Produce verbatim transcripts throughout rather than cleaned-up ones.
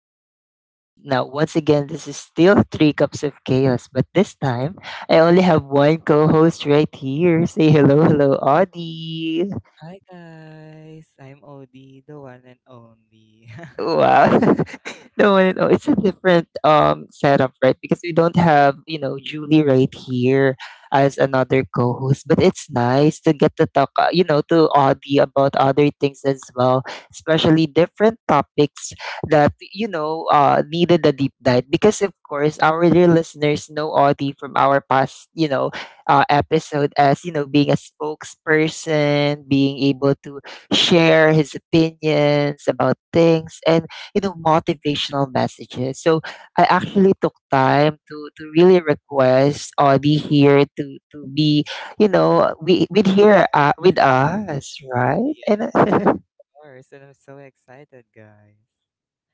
podcast. Now, once again, this is still Three Cups of Chaos, but this time I only have one co host right here. Say hello, hello, Audie. Hi guys, I'm Odie, the one and only. Wow. no, no, no, it's a different um setup, right? Because we don't have, you know, Julie right here as another co-host, but it's nice to get to talk, uh, you know, to Audie about other things as well, especially different topics that, you know, uh needed a deep dive because of course our dear listeners know Audie from our past, you know, uh, episode as, you know, being a spokesperson, being able to share his opinions about things and you know motivational messages. So I actually took time to to really request Audie here to to be you know we with here uh, with us, right? And yes, and I'm so excited, guys.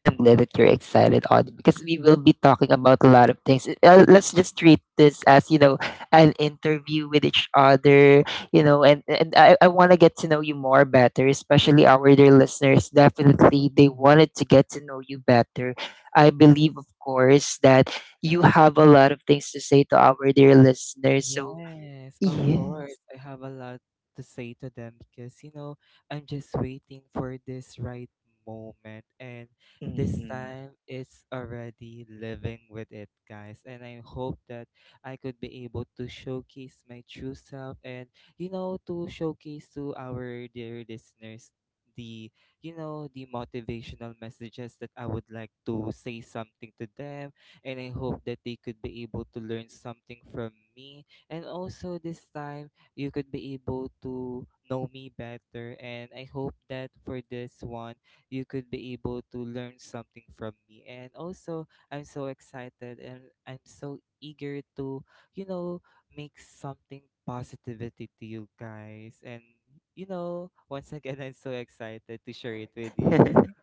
I'm glad that you're excited, Audie, because we will be talking about a lot of things. Uh, let's just treat this as, you know, an interview with each other, you know, and, and I, I want to get to know you more better, especially our dear listeners. Definitely, they wanted to get to know you better. I believe, of course, that you have a lot of things to say to our dear listeners. So, Yes, of yeah. course. I have a lot to say to them because, you know, I'm just waiting for this right moment. And this Mhm. time it's already living with it, guys. And I hope that I could be able to showcase my true self and, you know, to showcase to our dear listeners the you know the motivational messages that I would like to say something to them, and I hope that they could be able to learn something from me. And also this time you could be able to know me better, and I hope that for this one you could be able to learn something from me. And also I'm so excited and I'm so eager to, you know, make something positivity to you guys. And you know, once again I'm so excited to share it with you.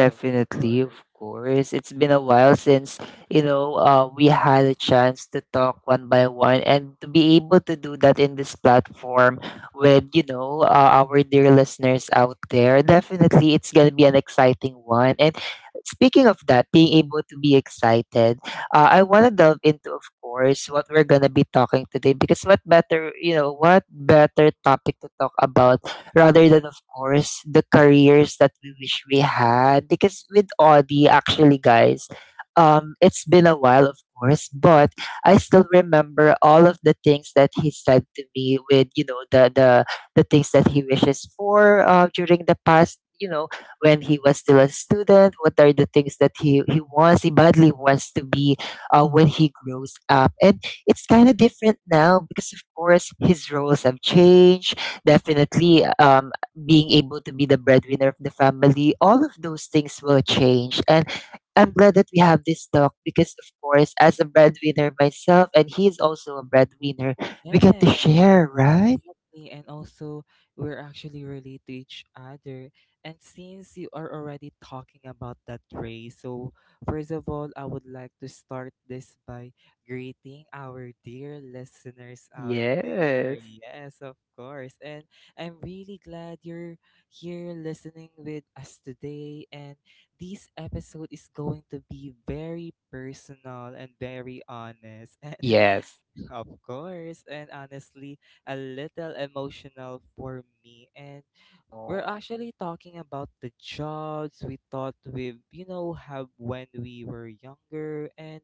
Of of course. It's been a while since, you know, uh, we had a chance to talk one by one and to be able to do that in this platform with, you know, uh, our dear listeners out there. Definitely, it's going to be an exciting one. And speaking of that, being able to be excited, uh, I want to delve into, of course, what we're going to be talking today because what better, you know, what better topic to talk about rather than of course the careers that we wish we had because with Audi actually guys um it's been a while of course, but I still remember all of the things that he said to me with you know the the the things that he wishes for, uh, during the past, you know when he was still a student. What are the things that he he wants he badly wants to be, uh, when he grows up? And it's kind of different now because of course his roles have changed. Definitely, um, being able to be the breadwinner of the family, all of those things will change. And I'm glad that we have this talk because, of course, as a breadwinner myself, and he's also a breadwinner, we get Yes, to share, right? exactly. And also, we're actually related to each other. And since you are already talking about that, Ray, so first of all, I would like to start this by greeting our dear listeners out there. Yes. Yes, of course. And I'm really glad you're here listening with us today. And this episode is going to be very personal and very honest. And Yes. of course, and honestly, a little emotional for me. And we're Oh. actually talking about the jobs we thought we, you know, have when we were younger, and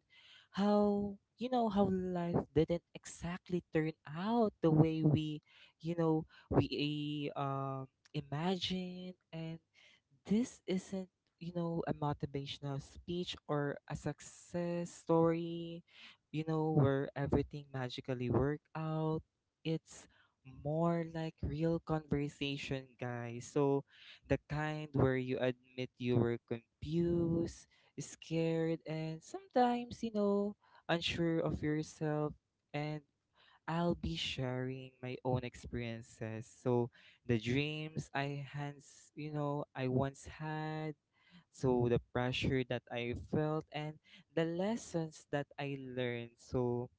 how, you know, how life didn't exactly turn out the way we, you know, we um imagine. And this isn't you know a motivational speech or a success story you know, where everything magically work out. It's more like real conversation, guys. So the kind where you admit you were confused, scared, and sometimes, you know, unsure of yourself. And I'll be sharing my own experiences. So the dreams I hands, you know, I once had. So the pressure that I felt and the lessons that I learned. So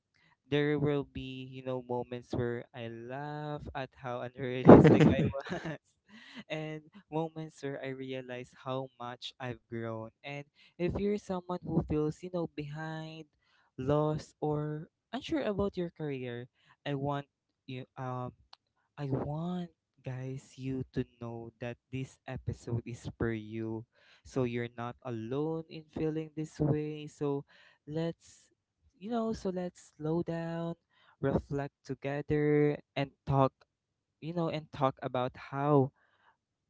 there will be, you know, moments where I laugh at how unrealistic I was, and moments where I realize how much I've grown. And if you're someone who feels, you know, behind, lost, or unsure about your career, I want you um I want guys you to know that this episode is for you. So you're not alone in feeling this way. So let's you know, so let's slow down, reflect together and talk, you know, and talk about how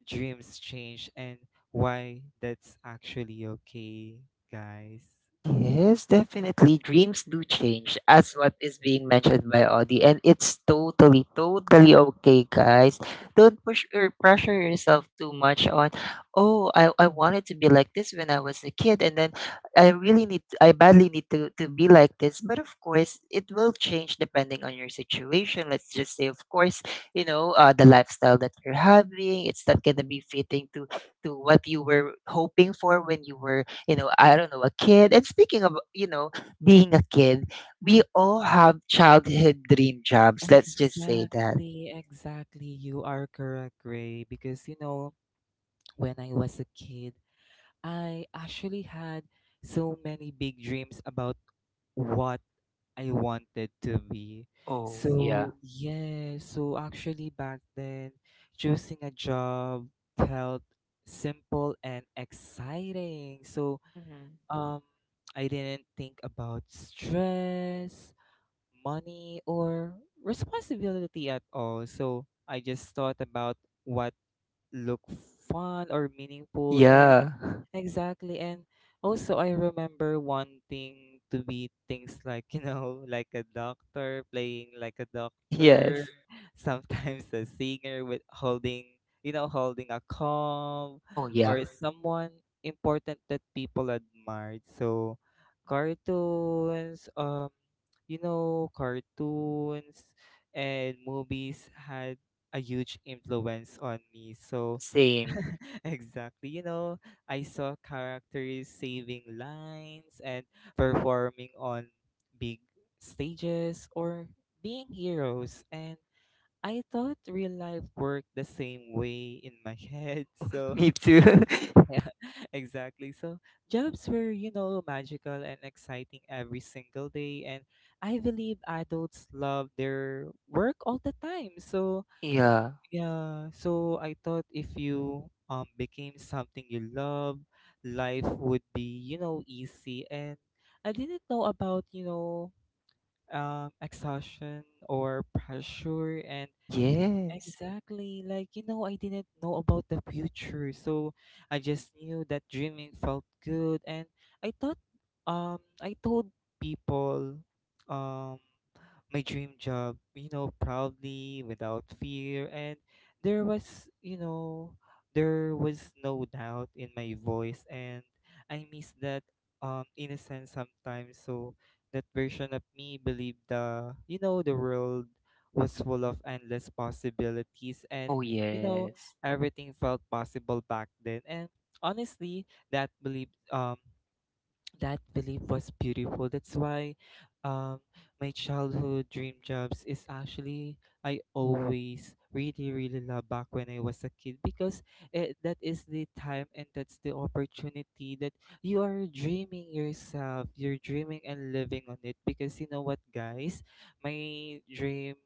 dreams change and why that's actually okay, guys. Yes, definitely. Dreams do change, as what is being mentioned by Audie, and it's totally, totally okay, guys. Don't push or pressure yourself too much on. Oh, I, I wanted to be like this when I was a kid, and then I really need, I badly need to to be like this. But of course, it will change depending on your situation. Let's just say, of course, you know, uh, the lifestyle that you're having, it's not gonna be fitting to to what you were hoping for when you were, you know, I don't know, a kid. And speaking of, you know, being a kid, we all have childhood dream jobs. Let's just say that. Exactly, exactly. You are correct, Ray. Because, you know, when I was a kid, I actually had so many big dreams about what I wanted to be. Oh, yeah. So, yeah, so actually back then, choosing a job felt simple and exciting. So, Hmm. um, I didn't think about stress, money, or responsibility at all. So, I just thought about what looked fun or meaningful. And Yeah. exactly. And also, I remember wanting to be things like, you know, like a doctor, playing like a doctor, Yes. sometimes a singer with holding, you know, holding a comb Oh, yeah. or someone important that people admired. So, cartoons, um, you know, cartoons and movies had a huge influence on me. So, Same. exactly, you know, I saw characters saving lines and performing on big stages or being heroes. And I thought real life worked the same way in my head. Oh, So, me too. yeah, exactly. So, jobs were, you know, magical and exciting every single day. And I believe adults love their work all the time. So, Yeah. yeah, so I thought if you um became something you love, life would be, you know, easy. And I didn't know about, you know, um, exhaustion or pressure. And Yes. exactly. Like, you know, I didn't know about the future. So I just knew that dreaming felt good, and I thought um I told people um my dream job, you know, proudly without fear. And there was, you know, there was no doubt in my voice, and I miss that um innocence sometimes. So that version of me believed the you know the world was full of endless possibilities, and Oh, you know yes. everything felt possible back then. And honestly that belief um that belief was beautiful. That's why um, my childhood dream jobs is actually I always really really love back when I was a kid, because eh, that is the time and that's the opportunity that you are dreaming yourself. You're dreaming and living on it, because you know what, guys, my dream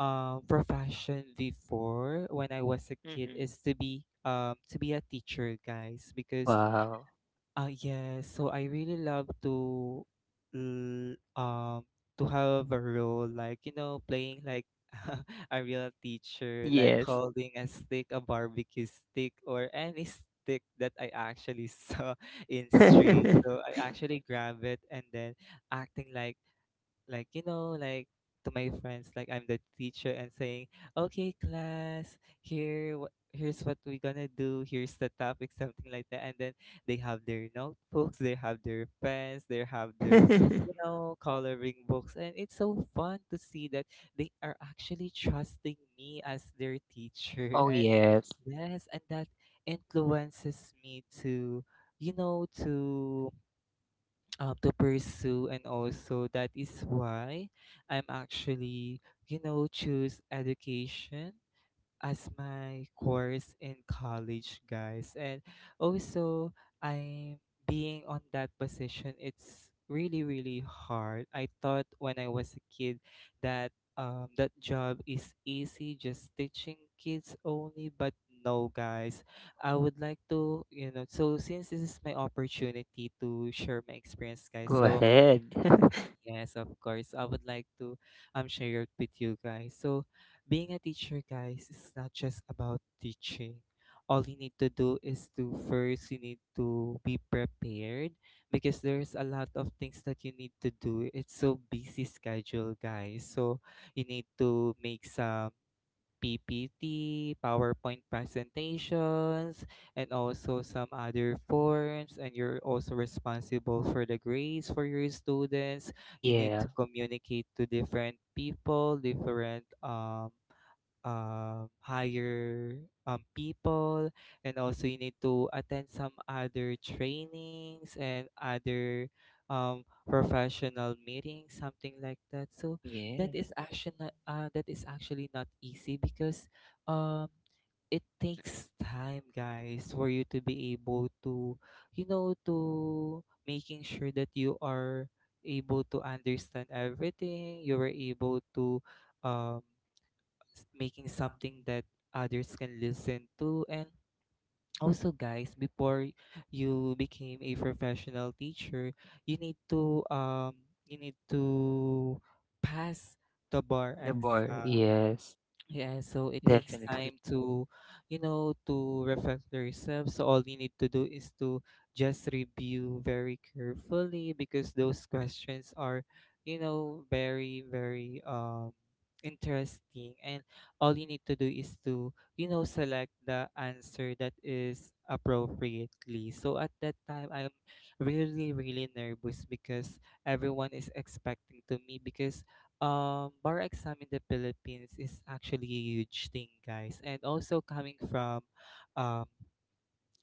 um profession before when I was a kid Hmm. is to be um to be a teacher, guys, because Wow. uh, yes. So I really love to, l- um, to have a role like you know playing like a real teacher, like Yes. holding a stick, a barbecue stick, or any stick that I actually saw in street. So I actually grab it and then acting like like you know like to my friends like I'm the teacher and saying okay class here wh- here's what we're gonna do, here's the topic, something like that. And then they have their notebooks, they have their pens, they have their you know coloring books, and it's so fun to see that they are actually trusting me as their teacher. Oh, And yes. yes, and that influences me to you know to um, to pursue. And also that is why I'm actually you know choose education as my course in college, guys. And also, I'm being on that position. It's really, really hard. I thought when I was a kid that um, that job is easy, just teaching kids only. But no, guys. I would like to, you know. So since this is my opportunity to share my experience, guys. Go So ahead. yes, of course. So, I would like to um share it with you guys. So, being a teacher, guys, is not just about teaching. All you need to do is to first you need to be prepared, because there's a lot of things that you need to do. It's so busy schedule, guys. So you need to make some P P T, PowerPoint presentations, and also some other forms. And you're also responsible for the grades for your students. You need Yeah. to communicate to different people, different um, um, hire um, people. And also you need to attend some other trainings and other um, professional meetings, something like that. So that Yes. is actually not, uh, that is actually not easy, because um, it takes time guys for you to be able to you know to making sure that you are able to understand everything, you were able to um s- making something that others can listen to. And also guys, before you became a professional teacher you need to um you need to pass the bar The bar, exam. yes, Yeah, so it takes definitely. time to, you know, to reflect to yourself. So all you need to do is to just review very carefully, because those questions are, you know, very, very um interesting. And all you need to do is to, you know, select the answer that is appropriately. So at that time, I'm really, really nervous, because everyone is expecting to me because um bar exam in the Philippines is actually a huge thing, guys. And also coming from um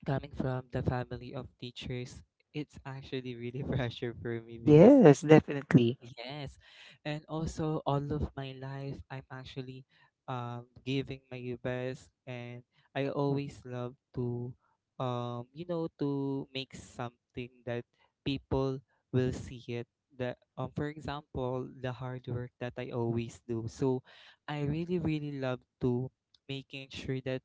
coming from the family of teachers, it's actually really pressure for me, because Yes, definitely. yes. And also all of my life I'm actually um giving my best, and I always love to um you know to make something that people will see it, that um for example the hard work that I always do. So I really really love to making sure that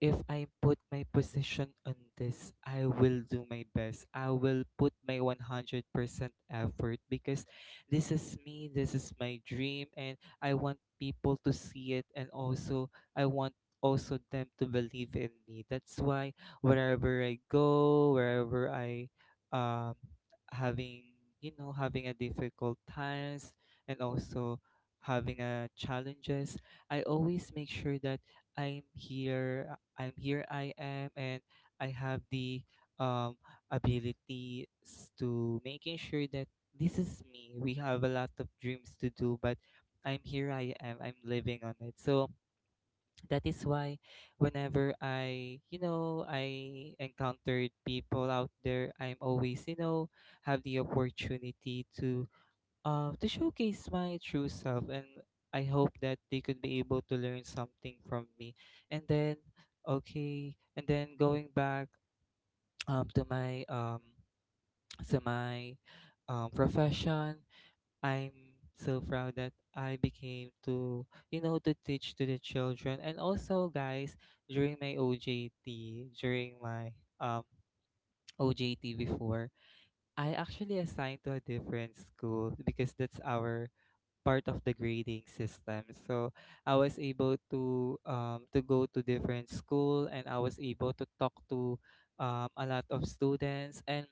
if I put my position on this, I will do my best. I will put my one hundred percent effort, because this is me, this is my dream, and I want people to see it, and also I want also them to believe in me. That's why wherever I go, wherever I um having you know having a difficult times, and also having a challenges, I always make sure that i'm here I'm here I am, and I have the um abilities to making sure that this is me. We have a lot of dreams to do, but I'm here. I am. I'm living on it. So that is why, whenever I, you know, I encountered people out there, I'm always, you know, have the opportunity to, uh, to showcase my true self, and I hope that they could be able to learn something from me. And then, okay, and then going back, um, to my, um, to my, um, profession. I'm so proud that I became to, you know, to teach to the children. And also, guys, during my O J T, during my um, O J T before, I actually assigned to a different school because that's our part of the grading system. So I was able to um, to go to different school, and I was able to talk to um, a lot of students. And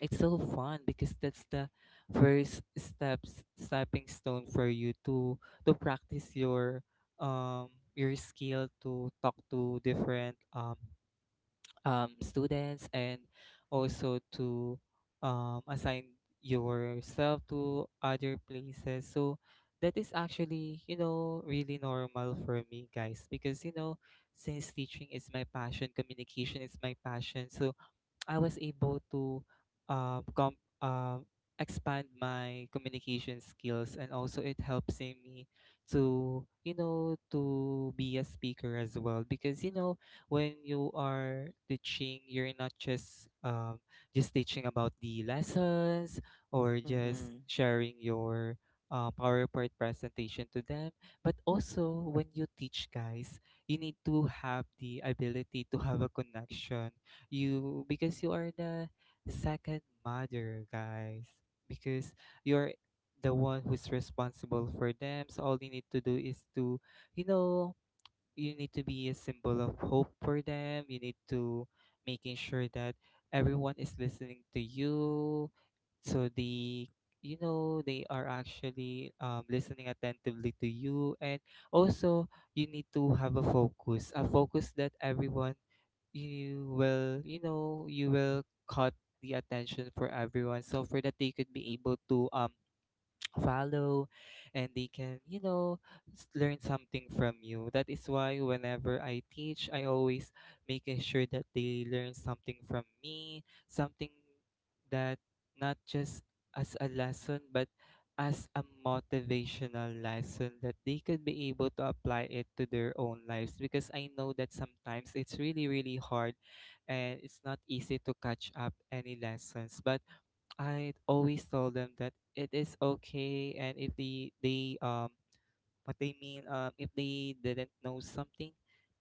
it's so fun because that's the first steps stepping stone for you to to practice your um your skill to talk to different um um students and also to um assign yourself to other places. So that is actually, you know, really normal for me, guys, because you know, since teaching is my passion, communication is my passion. So I was able to uh, com- uh, expand my communication skills, and also it helps in me to, you know, to be a speaker as well. Because you know, when you are teaching, you're not just um, just teaching about the lessons or just Mm-hmm. sharing your uh, PowerPoint presentation to them, but also when you teach, guys, you need to have the ability to have a connection you, because you are the second mother, guys. Because you're the one who's responsible for them. So all you need to do is to, you know, you need to be a symbol of hope for them. You need to making sure that everyone is listening to you, so they, you know, they are actually, um, listening attentively to you. And also, you need to have a focus, a focus that everyone, you will, you know, you will caught the attention for everyone, so for that they could be able to um follow and they can, you know, s- learn something from you. That is why whenever I teach, I always making sure that they learn something from me, something that not just as a lesson, but as a motivational lesson that they could be able to apply it to their own lives. Because I know that sometimes it's really really hard, and it's not easy to catch up any lessons. But I always told them that it is okay, and if the they um what they mean, um, if they didn't know something,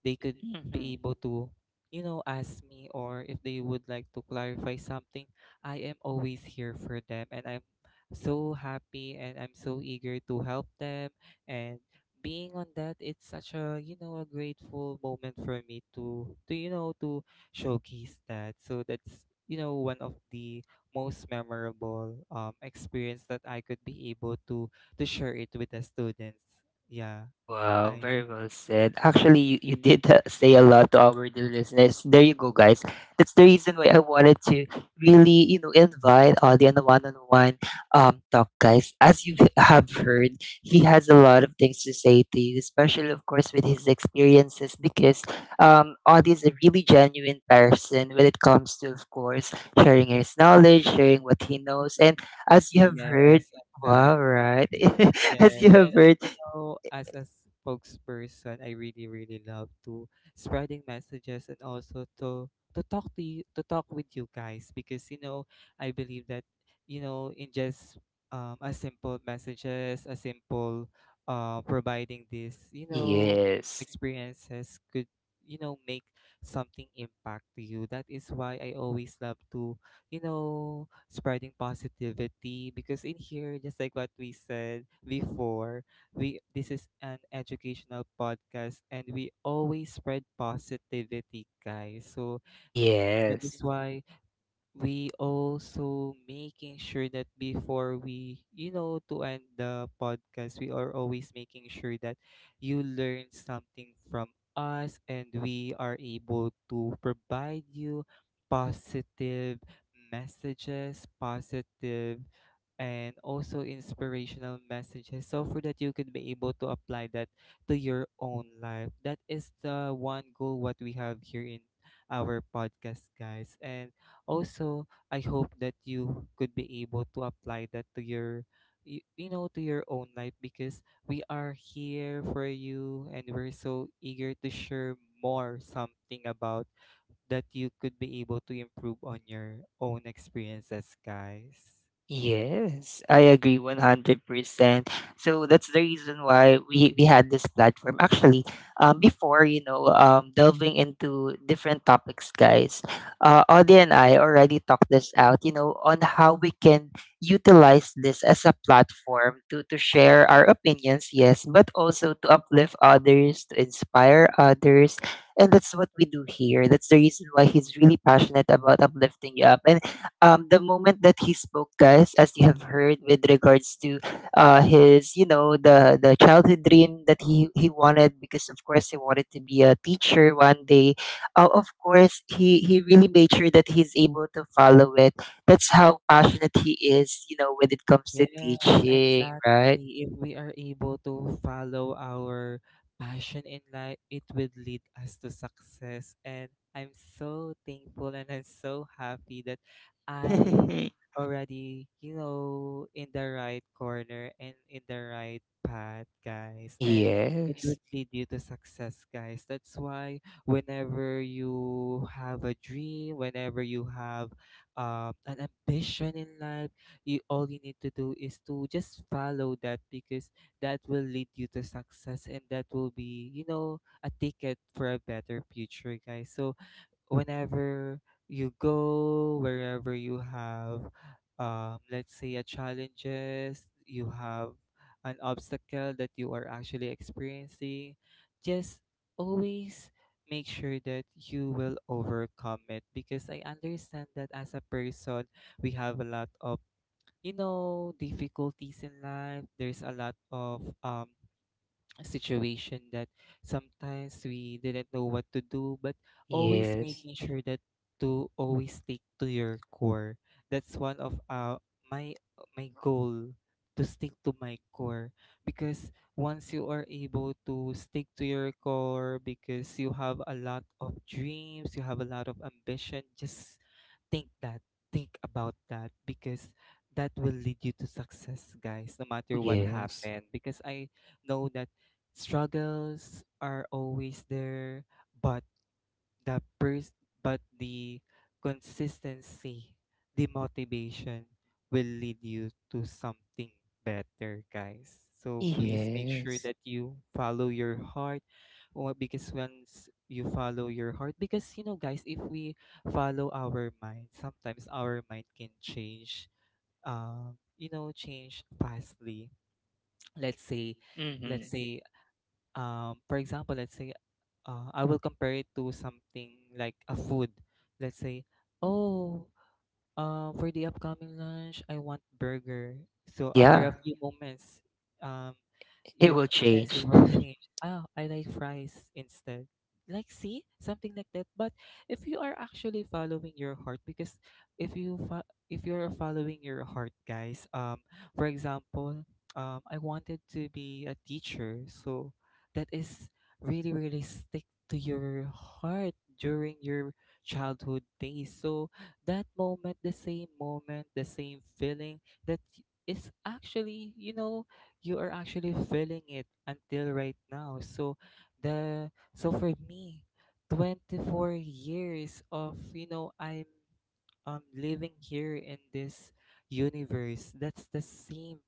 they could Mm-hmm. be able to, you know, ask me, or if they would like to clarify something, I am always here for them. And I'm so happy, and I'm so eager to help them. And being on that, it's such a, you know, a grateful moment for me to, to you know, to showcase that. So that's, you know, one of the most memorable um, experience that I could be able to to share it with the students. Yeah, Wow, I very well said. Actually, you, you did, uh, say a lot to our dear listeners. There you go, guys. That's the reason why I wanted to really, you know, invite Audie on a one-on-one um talk, guys. As you have heard, he has a lot of things to say to you, especially, of course, with his experiences, because um Audie is a really genuine person when it comes to, of course, sharing his knowledge, sharing what he knows, and as you have heard, yes, wow, exactly. right? As Yes, you have and heard. you know, as a spokesperson, I really, really love to spreading messages, and also to to talk to you, to talk with you, guys, because you know, I believe that you know, in just um a simple messages, a simple uh providing this, you know, ex- Yes. experiences could, you know, make something impact to you. That is why I always love to, you know, spreading positivity, because in here, just like what we said before, we this is an educational podcast, and we always spread positivity, guys. So that Yes. is why we also making sure that before we, you know, to end the podcast, we are always making sure that you learn something from us, and we are able to provide you positive messages, positive and also inspirational messages, so for that you could be able to apply that to your own life. That is the one goal what we have here in our podcast, guys. And also, I hope that you could be able to apply that to your you, you know, to your own life, because we are here for you, and we're so eager to share more something about that you could be able to improve on your own experiences, guys. Yes, I agree one hundred percent. So that's the reason why we, we had this platform. Actually, um, before, you know, um, delving into different topics, guys, uh, Audie and I already talked this out, you know, on how we can utilize this as a platform to, to share our opinions, yes, but also to uplift others, to inspire others. And that's what we do here. That's the reason why he's really passionate about uplifting you up. And um, the moment that he spoke, guys, as you have heard with regards to, uh, his, you know, the the childhood dream that he he wanted, because of course he wanted to be a teacher one day. Uh, of course, he he really made sure that he's able to follow it. That's how passionate he is, you know, when it comes to Yes, teaching, right? exactly. If we are able to follow our passion in life, it would lead us to success. And I'm so thankful and I'm so happy that I already, you know, in the right corner and in the right path, guys. And it would Yes, lead you to success, guys. That's why whenever you have a dream, whenever you have um, an ambition in life, you all you need to do is to just follow that, because that will lead you to success, and that will be, you know, a ticket for a better future, guys. So whenever you go, wherever you have um let's say a challenges, you have an obstacle that you are actually experiencing, just always make sure that you will overcome it. Because I understand that as a person, we have a lot of, you know, difficulties in life. There's a lot of um situation that sometimes we didn't know what to do, but always yes, making sure that to always stick to your core. That's one of uh, my my goal to stick to my core, because once you are able to stick to your core, because you have a lot of dreams, you have a lot of ambition, just think that, think about that, because that will lead you to success, guys, no oh matter what yes, happened. Because I know that struggles are always there, but the pers- but the consistency, the motivation will lead you to something better, guys. So please make sure yes. that you follow your heart, or because once you follow your heart, because you know, guys, if we follow our mind, sometimes our mind can change, um you know, change fastly, let's say Hmm. let's say um, for example, let's say uh, I will compare it to something like a food. Let's say, oh, um, for the upcoming lunch, I want burger. So after a Yeah, few moments, um, it you, will yes, it change. would change. Ah, I like fries instead. Like, see, something like that. But if you are actually following your heart, because if you fo- if you're following your heart, guys, um, for example, um, I wanted to be a teacher, so that is really, really stick to your heart during your childhood days. So that moment, the same moment, the same feeling that y- is actually, you know, you are actually feeling it until right now. So the so for me, twenty-four years of, you know, I'm um living here in this universe. That's the same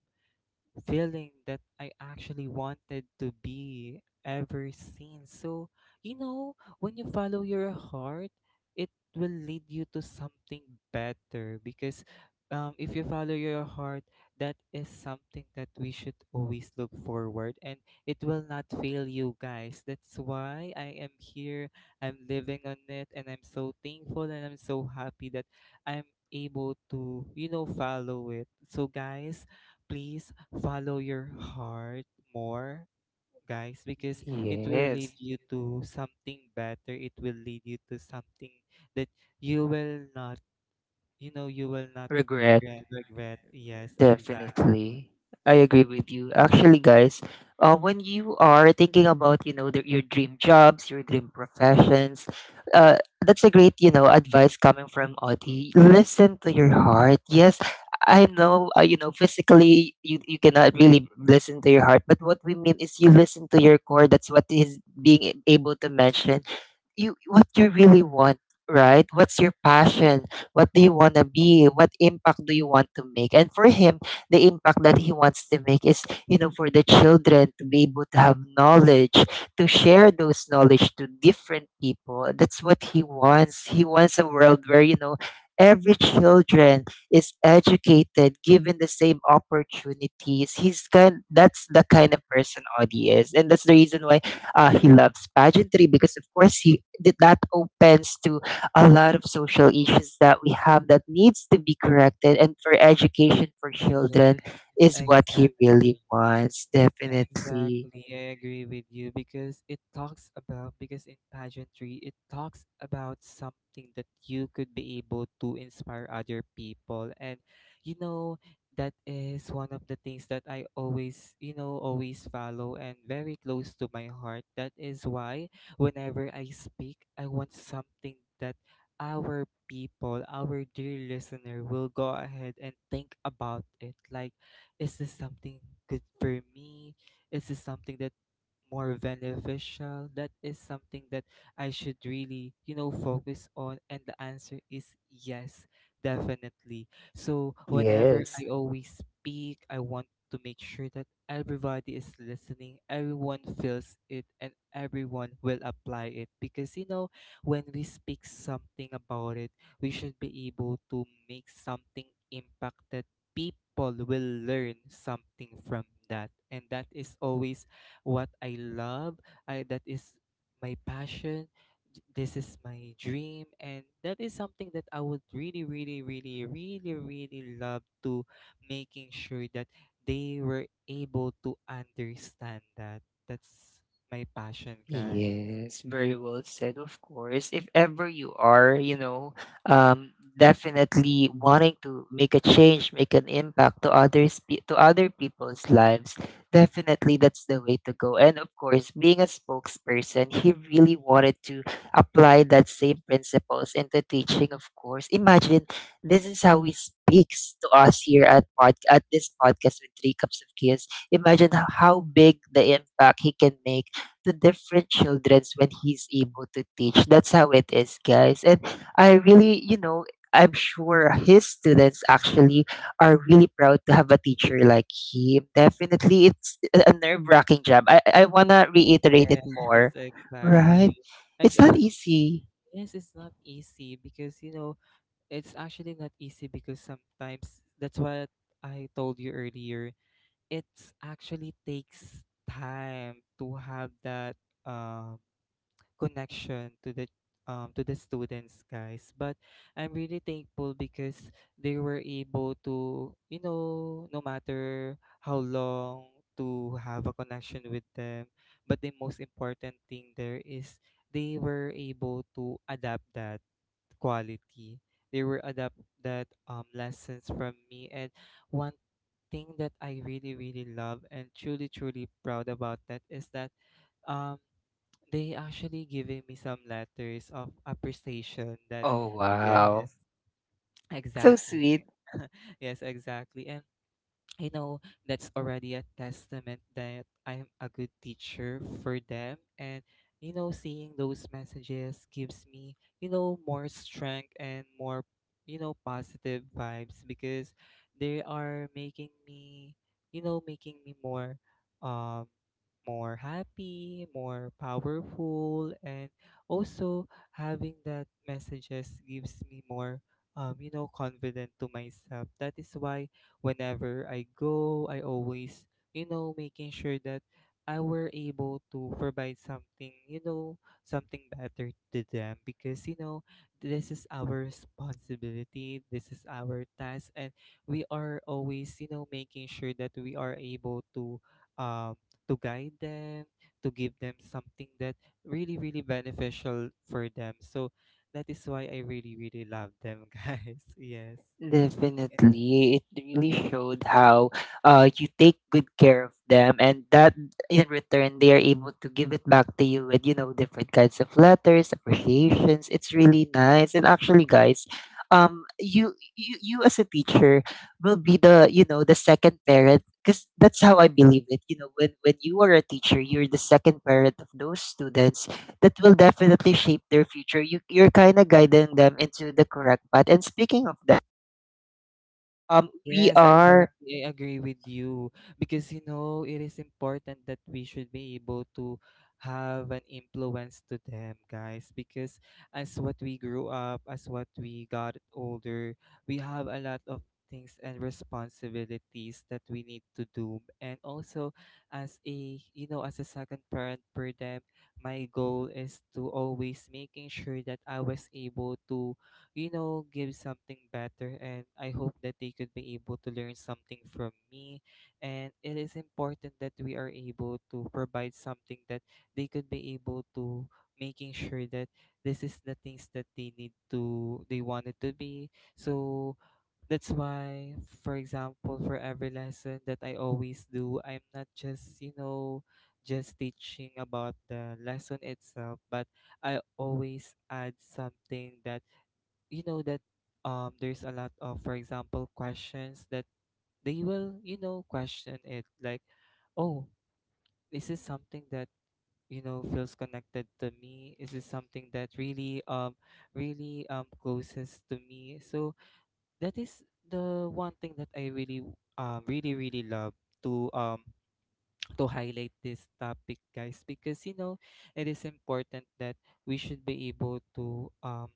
feeling that I actually wanted to be ever since. So, you know, when you follow your heart, it will lead you to something better, because um, if you follow your heart, that is something that we should always look forward, and it will not fail you, guys. That's why I am here. I'm living on it, and I'm so thankful and I'm so happy that I'm able to, you know, follow it. So guys, please follow your heart more, guys, because it will lead Yes, you to something better, it will lead you to something that you will not, you know, you will not regret, re- regret. Yes, exactly. definitely. I agree with you. Actually, guys, uh, when you are thinking about, you know, the, your dream jobs, your dream professions, uh, that's a great, you know, advice coming from Audie. Listen to your heart. Yes, I know, uh, you know, physically you, you cannot really listen to your heart, but what we mean is you listen to your core. That's what he's being able to mention. You, what you really want, right? What's your passion? What do you want to be? What impact do you want to make? And for him, the impact that he wants to make is, you know for the children to be able to have knowledge, to share those knowledge to different people. That's what he wants he wants a world where, you know every children is educated, given the same opportunities. He's kind That's the kind of person Audie is, and that's the reason why, uh, he loves pageantry, because of course he that that opens to a lot of social issues that we have that needs to be corrected, and for education for Yes, children is what he exactly. really wants. Definitely. Exactly, I agree with you, because it talks about, because in pageantry, it talks about something that you could be able to inspire other people. And you know, that is one of the things that I always, you know, always follow and very close to my heart. That is why whenever I speak, I want something that our people, our dear listener, will go ahead and think about it, like, is this something good for me, is this something that more beneficial? That is something that I should really, you know, focus on. And the answer is yes, definitely. So whenever Yes. I always speak, I want to make sure that everybody is listening, everyone feels it, and everyone will apply it. Because, you know, when we speak something about it, we should be able to make something impacted, people will learn something from that, and that is always what I love. I That is my passion. J- this is my dream, and that is something that I would really really really really really love to making sure that they were able to understand that. That's my passion, guys. Yes, very well said, of course. If ever you are, you know, um, definitely wanting to make a change, make an impact to others, pe- to other people's lives, definitely that's the way to go. And of course, being a spokesperson, he really wanted to apply that same principles into teaching, of course. Imagine this is how he speaks to us here at pod- at this podcast with Three Cups of Chaos. Imagine h- how big the impact he can make to different childrens when he's able to teach. That's how it is, guys. And I really, you know, I'm sure his students actually are really proud to have a teacher like him. Definitely, it's a nerve wracking job. I, I want to reiterate it Yes. more. Exactly. Right? It's not Exactly. easy. Yes, it's not easy because you know, it's actually not easy, because sometimes that's what I told you earlier. It's actually takes time to have that um connection to the um, to the students, guys. But I'm really thankful because they were able to, you know, no matter how long, to have a connection with them. But the most important thing there is, they were able to adapt that quality, they were adapt that um, lessons from me. And one thing that I really really love and truly truly proud about that is that um they actually giving me some letters of appreciation. That Oh, wow. yes, That's so exactly. sweet. Yes, exactly. And I know that's already a testament that I'm a good teacher for them. And, you know, seeing those messages gives me, you know, more strength and more, you know, positive vibes, because they are making me, you know, making me more, um, more happy, more powerful. And also having that messages gives me more, um, you know, confident to myself. That is why whenever I go, I always, you know, making sure that I were able to provide something, you know, something better to them because, you know, this is our responsibility, this is our task, and we are always, you know, making sure that we are able to, um, to guide them, to give them something that really, really beneficial for them. So that is why I really, really love them, guys. Yes. Yes. Definitely. It really showed how, uh, you take good care of them, and that in return they are able to give it back to you with, you know, different kinds of letters, appreciations. It's really nice. And actually guys, um you you, you as a teacher will be the, you know, the second parent, because that's how I believe it. You know, when when you are a teacher, you're the second parent of those students that will definitely shape their future. You you're kinda guiding them into the correct path. And speaking of that, um, we Yes, are, exactly. I agree with you because you know it is important that we should be able to have an influence to them, guys. Because as what we grew up, as what we got older, we have a lot of things and responsibilities that we need to do. And also, as a you know, as a second parent for them, my goal is to always making sure that I was able to, you know, give something better. And I hope that they could be able to learn something from me. And it is important that we are able to provide something that they could be able to making sure that this is the things that they need to they want it to be. So that's why, for example, for every lesson that I always do, I'm not just you know just teaching about the lesson itself, but I always add something that, you know that um there's a lot of, for example, questions that they will, you know question it, like, oh, is this something that, you know feels connected to me, is this something that really um really um closest to me. So that is the one thing that I really, um really, really love to um to highlight this topic, guys, because you know it is important that we should be able to, um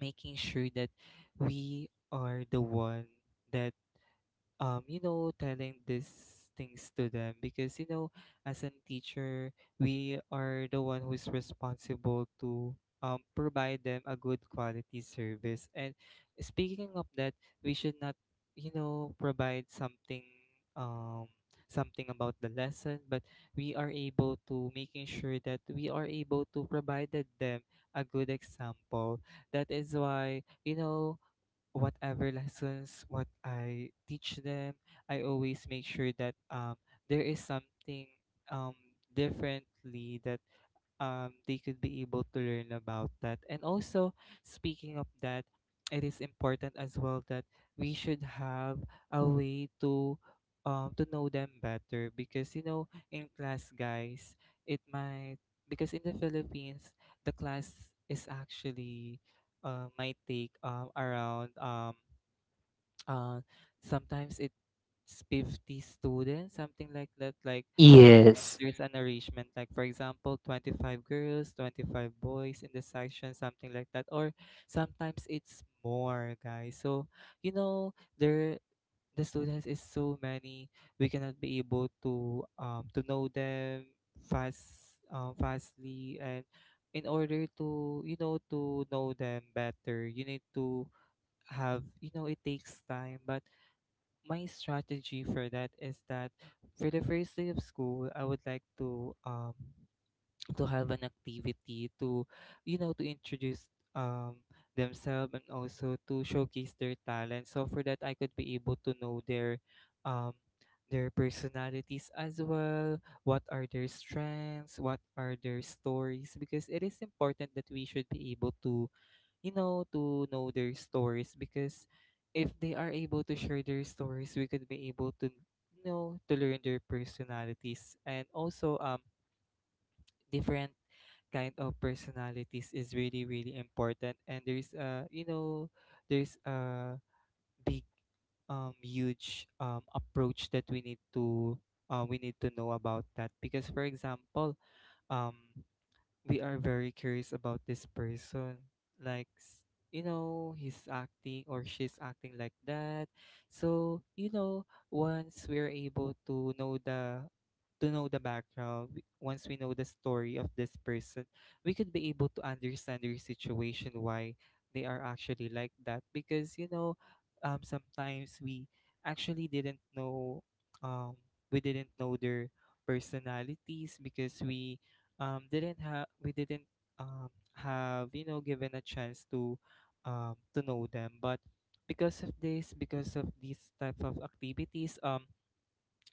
making sure that we are the one that, um you know telling these things to them, because you know as a teacher, we are the one who's responsible to, um provide them a good quality service. And speaking of that, we should not, you know provide something um something about the lesson, but we are able to making sure that we are able to provide them a good example. That is why, you know whatever lessons what I teach them, I always make sure that, um there is something, um differently, um, they could be able to learn about that. And also, speaking of that, it is important as well that we should have a way to um, to know them better, because you know in class, guys, it might. Because in the Philippines, the class is actually, uh, might take, um, around, um, uh, sometimes it's fifty students, something like that, like yes, there's an arrangement, like for example, twenty-five girls, twenty-five boys in the section, something like that, or sometimes it's more, guys. So, you know there, the students is so many, we cannot be able to um to know them fast, um fastly. And in order to you know to know them better, you need to have, you know it takes time. But my strategy for that is that for the first day of school, I would like to um to have an activity to, you know to introduce, um themselves, and also to showcase their talent. So for that, I could be able to know their, um their personalities as well, what are their strengths, what are their stories, because it is important that we should be able to, you know, to know their stories, because if they are able to share their stories, we could be able to you know to learn their personalities. And also, um different kind of personalities is really, really important, and there's uh you know there's a big, um huge, um approach that we need to uh, we need to know about that. Because for example, um we are very curious about this person, like, s- you know he's acting, or she's acting like that. So, you know once we're able to know the to know the background, w- once we know the story of this person, we could be able to understand their situation, why they are actually like that. Because you know um sometimes we actually didn't know, um we didn't know their personalities, because we, um didn't have, we didn't, um have, you know given a chance to um to know them. But because of this because of these type of activities, um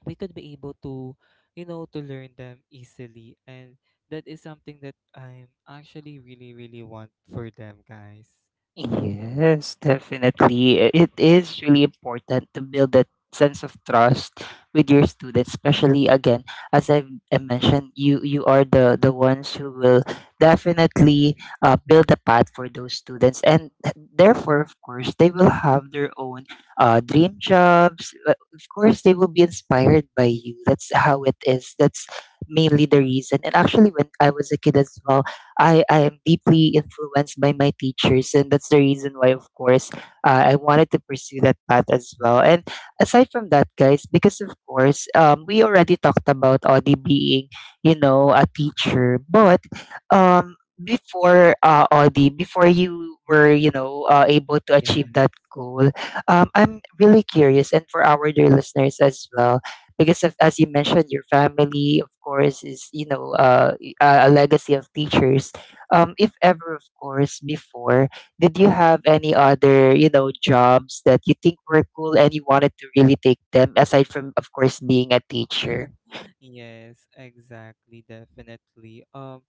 we could be able to, you know to learn them easily, and that is something that I'm actually really, really want for them, guys. yes, definitely. I- It is really important to build that sense of trust with your students, especially again, as I've, I mentioned, you you are the the ones who will definitely, uh, build a path for those students, and th- therefore, of course, they will have their own, uh, dream jobs. Uh, Of course, they will be inspired by you. That's how it is. That's mainly the reason. And actually, when I was a kid as well. I, I am deeply influenced by my teachers, and that's the reason why, of course, uh, I wanted to pursue that path as well. And aside from that, guys, because of course, um, we already talked about Audie being, you know, a teacher, but um, before, uh, Audie, before you were, you know, uh, able to Yeah. achieve that goal, um, I'm really curious, and for our dear listeners as well, because of, as you mentioned, your family, of course, is, you know, uh, uh, a legacy of teachers. Um, if ever, of course, before, did you have any other, you know, jobs that you think were cool and you wanted to really take them aside from, of course, being a teacher? Yes, exactly, definitely. Um,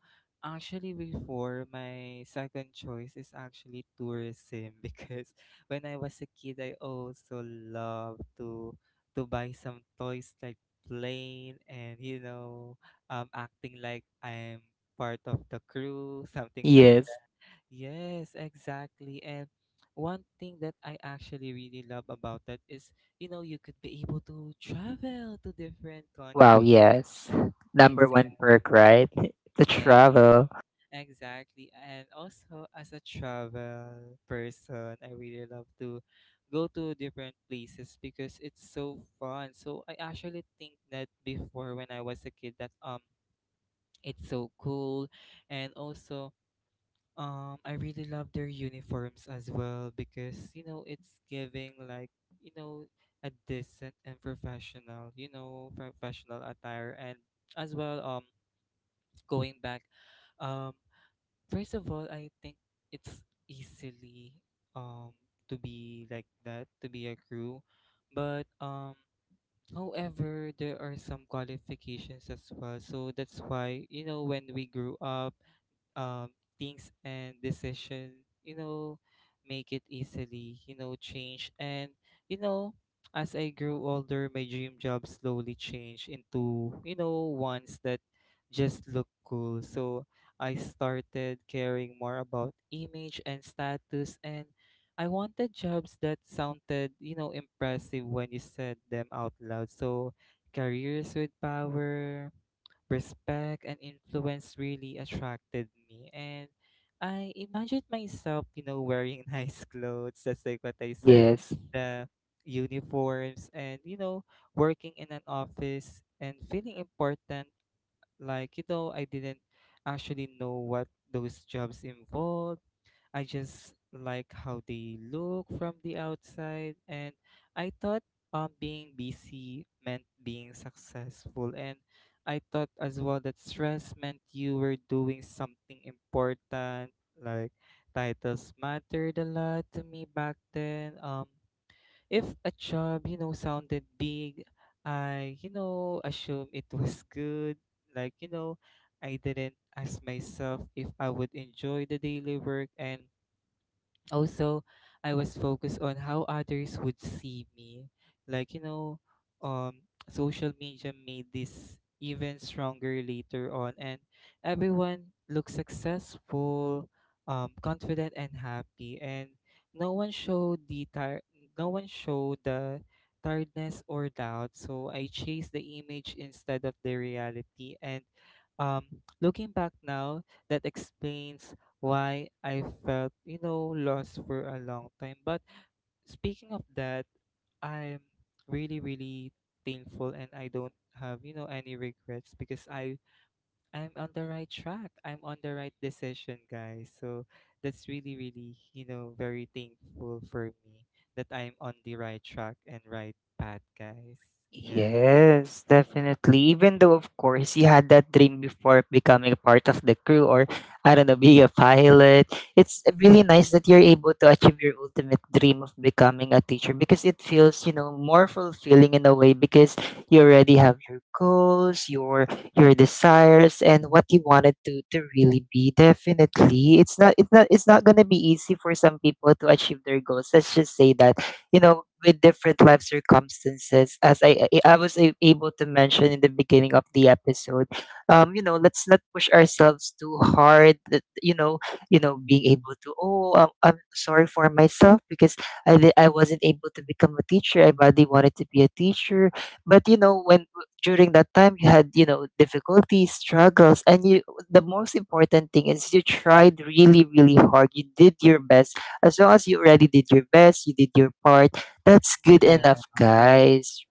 Actually, before, my second choice is actually tourism because when I was a kid, I also loved to to buy some toys, like plane, and, you know, um, acting like I'm part of the crew, something like. Yes. Yes, exactly. And one thing that I actually really love about that is, you know, you could be able to travel to different Wow, countries. yes. Number Exactly, one perk, right? To yeah, travel. exactly. And also, as a travel person, I really love to go to different places because it's so fun. So I actually think that before, when I was a kid, that, um it's so cool. And also, um I really love their uniforms as well, because you know it's giving like, you know a decent and professional, you know, professional attire. And as well, um going back, um first of all, I think it's easily, um to be like that, to be a crew. But, um however, there are some qualifications as well. So that's why, you know, when we grew up, um, things and decision, you know make it easily, you know change. And, you know as I grew older, my dream job slowly changed into, you know ones that just look cool. So I started caring more about image and status, and I wanted jobs that sounded, you know impressive when you said them out loud. So careers with power, respect, and influence really attracted me, and I imagined myself, you know wearing nice clothes, just like what I said, Yes. the uniforms. And, you know working in an office and feeling important. Like, you know I didn't actually know what those jobs involved. I just like how they look from the outside, and I thought, um being busy meant being successful. And I thought as well that stress meant you were doing something important. Like, titles mattered a lot to me back then. Um if a job, you know sounded big, I, you know assume it was good. Like, you know I didn't ask myself if I would enjoy the daily work. And also, I was focused on how others would see me. Like, you know um social media made this even stronger later on. And everyone looked successful, um confident, and happy, and no one showed the tir- no one showed the tiredness or doubt. So I chased the image instead of the reality. And, um looking back now, that explains why I felt, you know, lost for a long time. But speaking of that, I'm really, really thankful, and I don't have, you know, any regrets, because I I'm on the right track. I'm on the right decision, guys. So that's really, really, you know, very thankful for me that I'm on the right track and right path, guys. Yes. Yes, definitely. Even though, of course, he had that dream before becoming a part of the crew or, I don't know, being a pilot, it's really nice that you're able to achieve your ultimate dream of becoming a teacher because it feels, you know, more fulfilling in a way because you already have your goals, your your desires, and what you wanted to to really be. Definitely, it's not it's not it's not gonna be easy for some people to achieve their goals. Let's just say that, you know with different life circumstances, as i i I was a- able to mention in the beginning of the episode. Um you know let's not push ourselves too hard that, you know you know being able to, oh i'm, I'm sorry for myself because I, di- I wasn't able to become a teacher. I badly wanted to be a teacher, but, you know when, during that time, you had, you know difficulties, struggles, and you, the most important thing is you tried really, really hard. You did your best. As long as you already did your best, you did your part, that's good Yeah, I enough, agree. guys.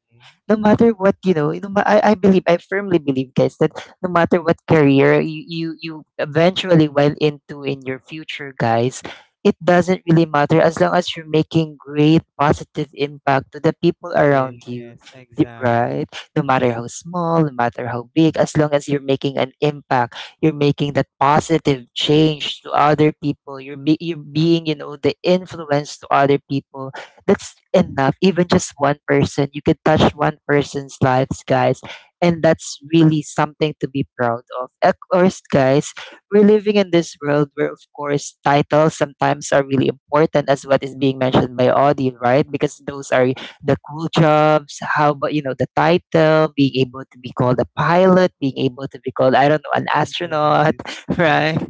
No matter what, you know no, ma- I, I believe, I firmly believe, guys, that no matter what career you you, you eventually went into in your future, guys, it doesn't really matter, as long as you're making great positive impact to the people around you. Yes, Di- exactly. Right, no matter how small, no matter how big, as long as you're making an impact, you're making that positive change to other people, you're, be, you're being, you know the influence to other people. That's enough. Even just one person, you can touch one person's lives, guys, and that's really something to be proud of of course, guys. We're living in this world where, of course, titles sometimes are really important, as what is being mentioned by Audie, right? Because those are the cool jobs. How about, you know, the title, being able to be called a pilot, being able to be called, I don't know, an Yes, astronaut? exactly. Right?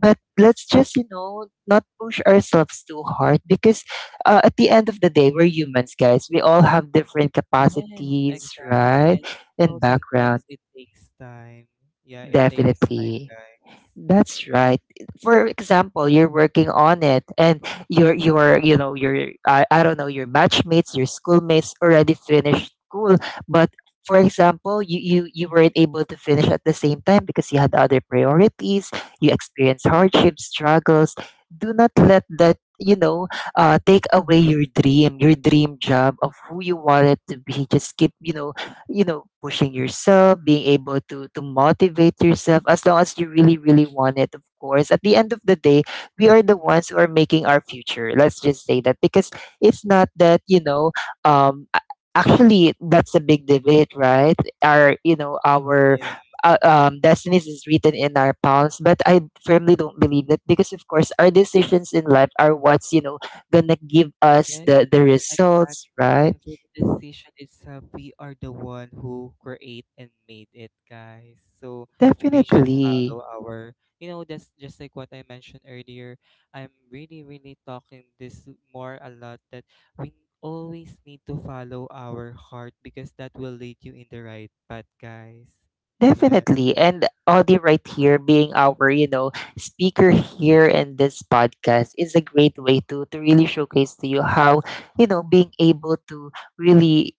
But let's just, you know, not push ourselves too hard, because uh, at the end of the day, we're humans, guys. We all have different Yes, capacities, exactly. right? And you And know, background, sometimes it takes time. Yeah, it takes time, definitely. guys. That's right. For example, you're working on it and your your you know your, I, I don't know, your matchmates, your schoolmates already finished school, but, for example, you, you you weren't able to finish at the same time because you had other priorities, you experienced hardships, struggles. Do not let that, you know uh, take away your dream, your dream job of who you wanted to be. Just keep, you know you know pushing yourself, being able to to motivate yourself, as long as you really, really want it. Of course, at the end of the day, we are the ones who are making our future, let's just say that, because it's not that, you know um a- actually, that's a big debate, right? Our, you know our, Yeah. uh, um, destinies is written in our palms, but I firmly don't believe that, because of course our decisions in life are what's, you know gonna give us the the Yes, results, exactly. right? And for the decision itself, we are the one who create and made it, guys. So we should follow Definitely. our, you know, that's just like what I mentioned earlier. I'm really, really talking this more a lot that we always need to follow our heart, because that will lead you in the right path, guys. Yeah. Definitely. And Audie right here, being our, you know, speaker here in this podcast, is a great way to to really showcase to you how, you know, being able to really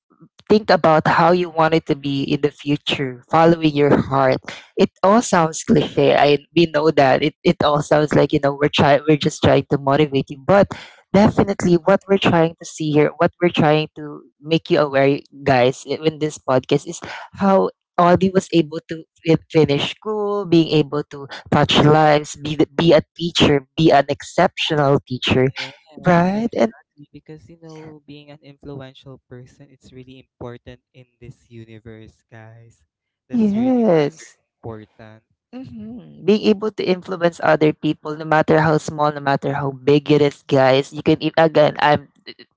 think about how you want it to be in the future, following your heart. It all sounds cliche. I We know that. It it all sounds like, you know, we're trying we're just trying to motivate you. But definitely what we're trying to see here, what we're trying to make you aware, guys, i- in this podcast, is how Audie was able to fi- finish school, being able to touch lives, be the- be a teacher, be an exceptional teacher, Yes, right? And exactly. Because, you know, being an influential person, it's really important in this universe, guys. That's really yes. important. Mhm. Mhm. Being able to influence other people, no matter how small, no matter how big it is, guys, you can, e- again, I'm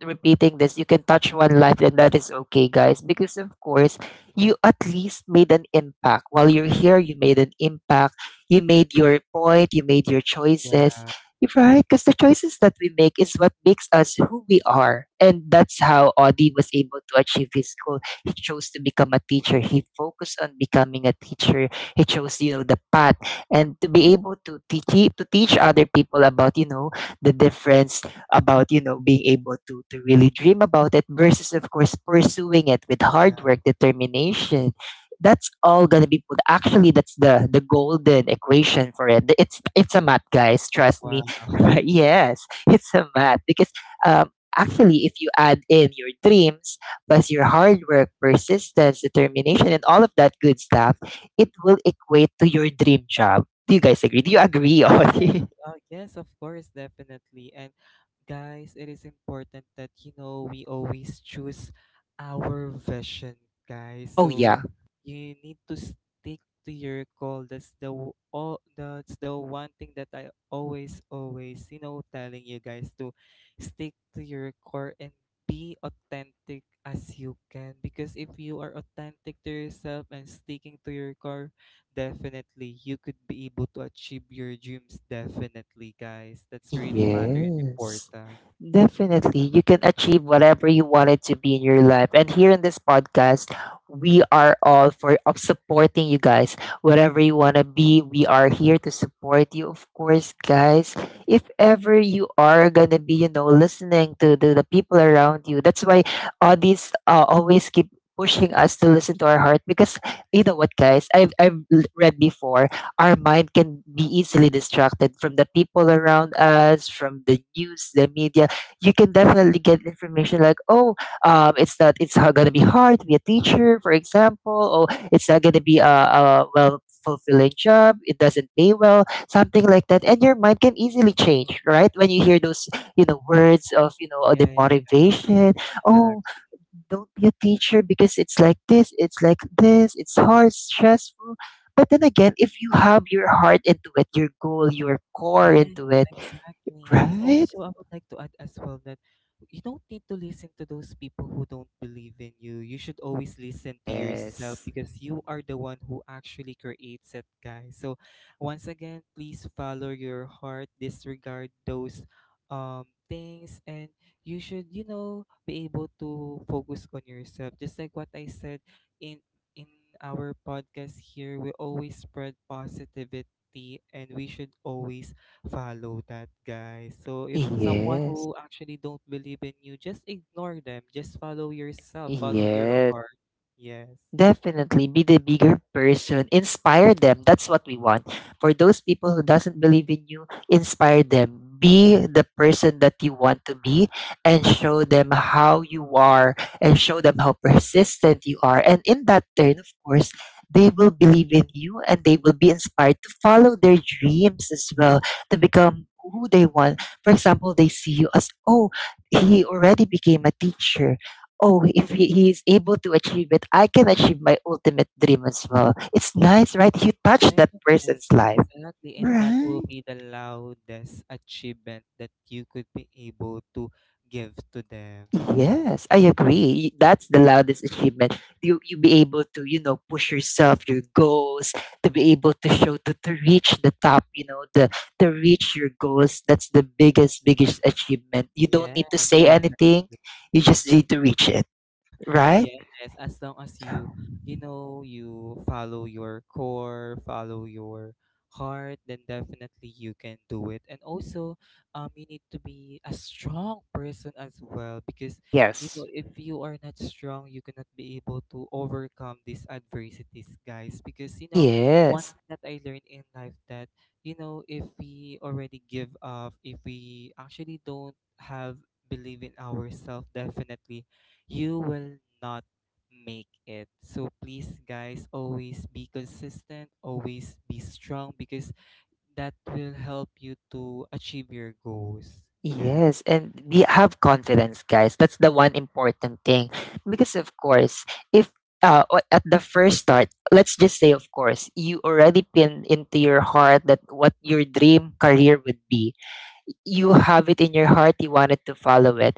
repeating this, you can touch one life, and that is okay, guys, because of course, you at least made an impact. While you're here, you made an impact. You made your point, you made your Yeah, choices. You're right, because the choices that we make is what makes us who we are. And that's how Audie was able to achieve his goal. He chose to become a teacher. He focused on becoming a teacher. It shows, you know, the path, and to be able to teach it- to teach other people about, you know, the difference, about, you know, being able to to really dream about it versus, of course, pursuing it with yeah. hard work, determination. That's all gonna be put. Actually, that's the the golden equation for it. It's it's a math, guys. Trust Wow. me. Yes, it's a math because, um, actually, if you add in your dreams plus your hard work, persistence, determination, and all of that good stuff, it will equate to your dream job. Do you guys agree? Do you agree, Yes, Ollie? uh, yes, of course, definitely. And, guys, it is important that, you know we always choose our vision, guys. Oh, So yeah. you need to stick to your goal. That's the w- all that's the one thing that I always, always, you know, telling you guys, to stick to your core and be authentic as you can. Because if you are authentic to yourself and sticking to your core, definitely you could be able to achieve your dreams. Definitely, guys. That's really matter and Yes. important. Definitely, you can achieve whatever you wanted to be in your life. And here in this podcast, we are all for of supporting you guys. Whatever you want to be, we are here to support you. Of course, guys, if ever you are going to be, you know, listening to the, the people around you, that's why all these, uh, always keep pushing us to listen to our heart, because you know what, guys, i've, I've l- read before, our mind can be easily distracted from the people around us, from the news, the media. You can definitely get information like, oh, um, it's not, it's going to be hard to be a teacher, for example, or it's not going to be a, a well fulfilling job. It doesn't pay well, something like that. And your mind can easily change, right? When you hear those, you know, words of, you know, uh, the Yeah, motivation. Oh, exactly. don't be a teacher because it's like this, it's like this, it's hard, stressful. But then again, if you have your heart into it, your goal, your core Yes, into it, exactly. And right? also, I would like to add as well that you don't need to listen to those people who don't believe in you. You should always listen to yourself, Yes. because you are the one who actually creates it, guys. So, once again, please follow your heart, disregard those, um things, and you should, you know, be able to focus on yourself. Just like what I said in in our podcast here, we always spread positivity, and we should always follow that, guys. So if someone Yes. who actually don't believe in you, just ignore them. Just follow yourself. Follow your Yes. heart. Yes. Definitely be the bigger person. Inspire them. That's what we want. For those people who doesn't believe in you, inspire them. Be the person that you want to be, and show them how you are and show them how persistent you are. And in that turn, of course, they will believe in you and they will be inspired to follow their dreams as well, to become who they want. For example, they see you as, oh, he already became a teacher. Oh, if he, he is able to achieve it, I can achieve my ultimate dream as well. It's nice, right? You touch that Yes, person's life. exactly. And that Right. will be the loudest achievement that you could be able to give to them. Yes, I agree. Y- That's the loudest achievement. You you be able to, you know, push yourself, your goals, to be able to show to, to reach the top, you know, the, to reach your goals. That's the biggest, biggest achievement. You don't need to Yes, say definitely. anything. You just need to reach it. Right? Yes, as long as you, you know, you follow your core, follow your heart, then definitely you can do it. And also, um, you need to be a strong person as well because, you know, Yes. if you are not strong, you cannot be able to overcome these adversities, guys. Because, you know, one Yes. thing that I learned in life that, you know, if we already give up, if we actually don't have believe in ourselves, definitely you will not make it. So please, guys, always be consistent, always be strong because that will help you to achieve your goals. Yeah. Yes, and we have confidence, guys. That's the one important thing. Because of course, if, uh, o- at the first start, let's just say, of course, you already pin into your heart that what your dream career would be, you have it in your heart, you wanted to follow it,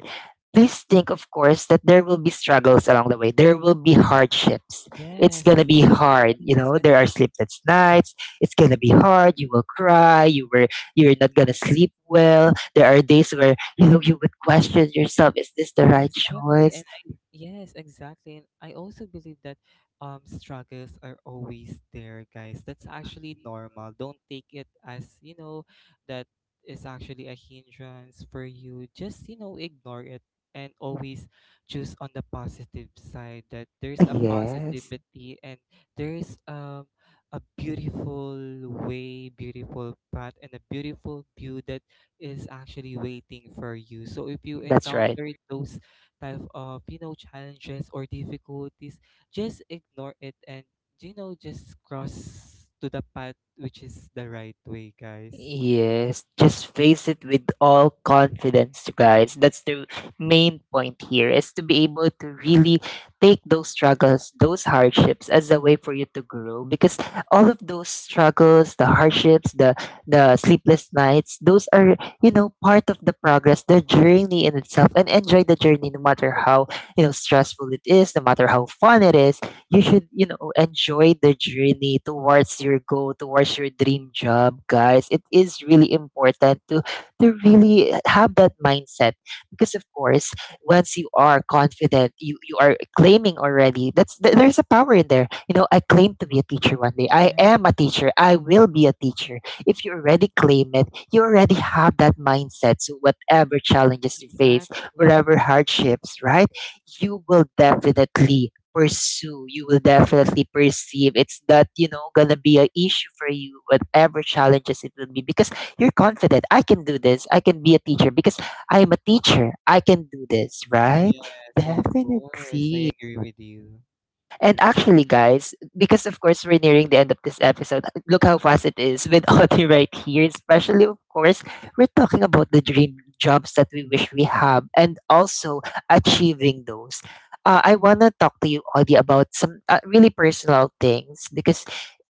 please think, of course, that there will be struggles along the way. There will be hardships. It's Yes. going to be hard. You Yes. know, there are sleepless nights. It's going to be hard. You will cry. You were, you're not going to sleep well. There are days where, you know, you would question yourself, is this the right Exactly. And choice? I, yes, exactly. And I also believe that um struggles are always there, guys. That's actually normal. Don't take it as, you know, that is actually a hindrance for you. Just, you know, ignore it and always choose on the positive side that there's a Yes, positivity and there's um a beautiful way, beautiful path and a beautiful view that is actually waiting for you. So if you that's right. encounter those type of, you know, challenges or difficulties, just ignore it and, you know, just cross to the path which is the right way, guys. Yes, just face it with all confidence, guys. That's the main point here, is to be able to really take those struggles, those hardships as a way for you to grow, because all of those struggles, the hardships, the the sleepless nights, those are, you know, part of the progress, the journey in itself, and enjoy the journey no matter how, you know, stressful it is, no matter how fun it is, you should, you know, enjoy the journey towards your goal, towards your dream job, guys. It is really important to to really have that mindset because, of course, once you are confident, you you are claiming already. That's th- there's a power in there. You know, I claim to be a teacher one day. I Yeah, am a teacher. I will be a teacher. If you already claim it, you already have that mindset. So whatever challenges you face, exactly. whatever hardships, right? You will definitely pursue, you will definitely perceive, it's not, you know, gonna be an issue for you, whatever challenges it will be, because you're confident. I can do this. I can be a teacher because I am a teacher. I can do this, right? Yes, of course, I Definitely. agree with you. And actually, guys, because of course we're nearing the end of this episode, look how fast it is with Audie right here. Especially, of course, we're talking about the dream jobs that we wish we have and also achieving those. Uh, I want to talk to you, Audie, about some uh, really personal things because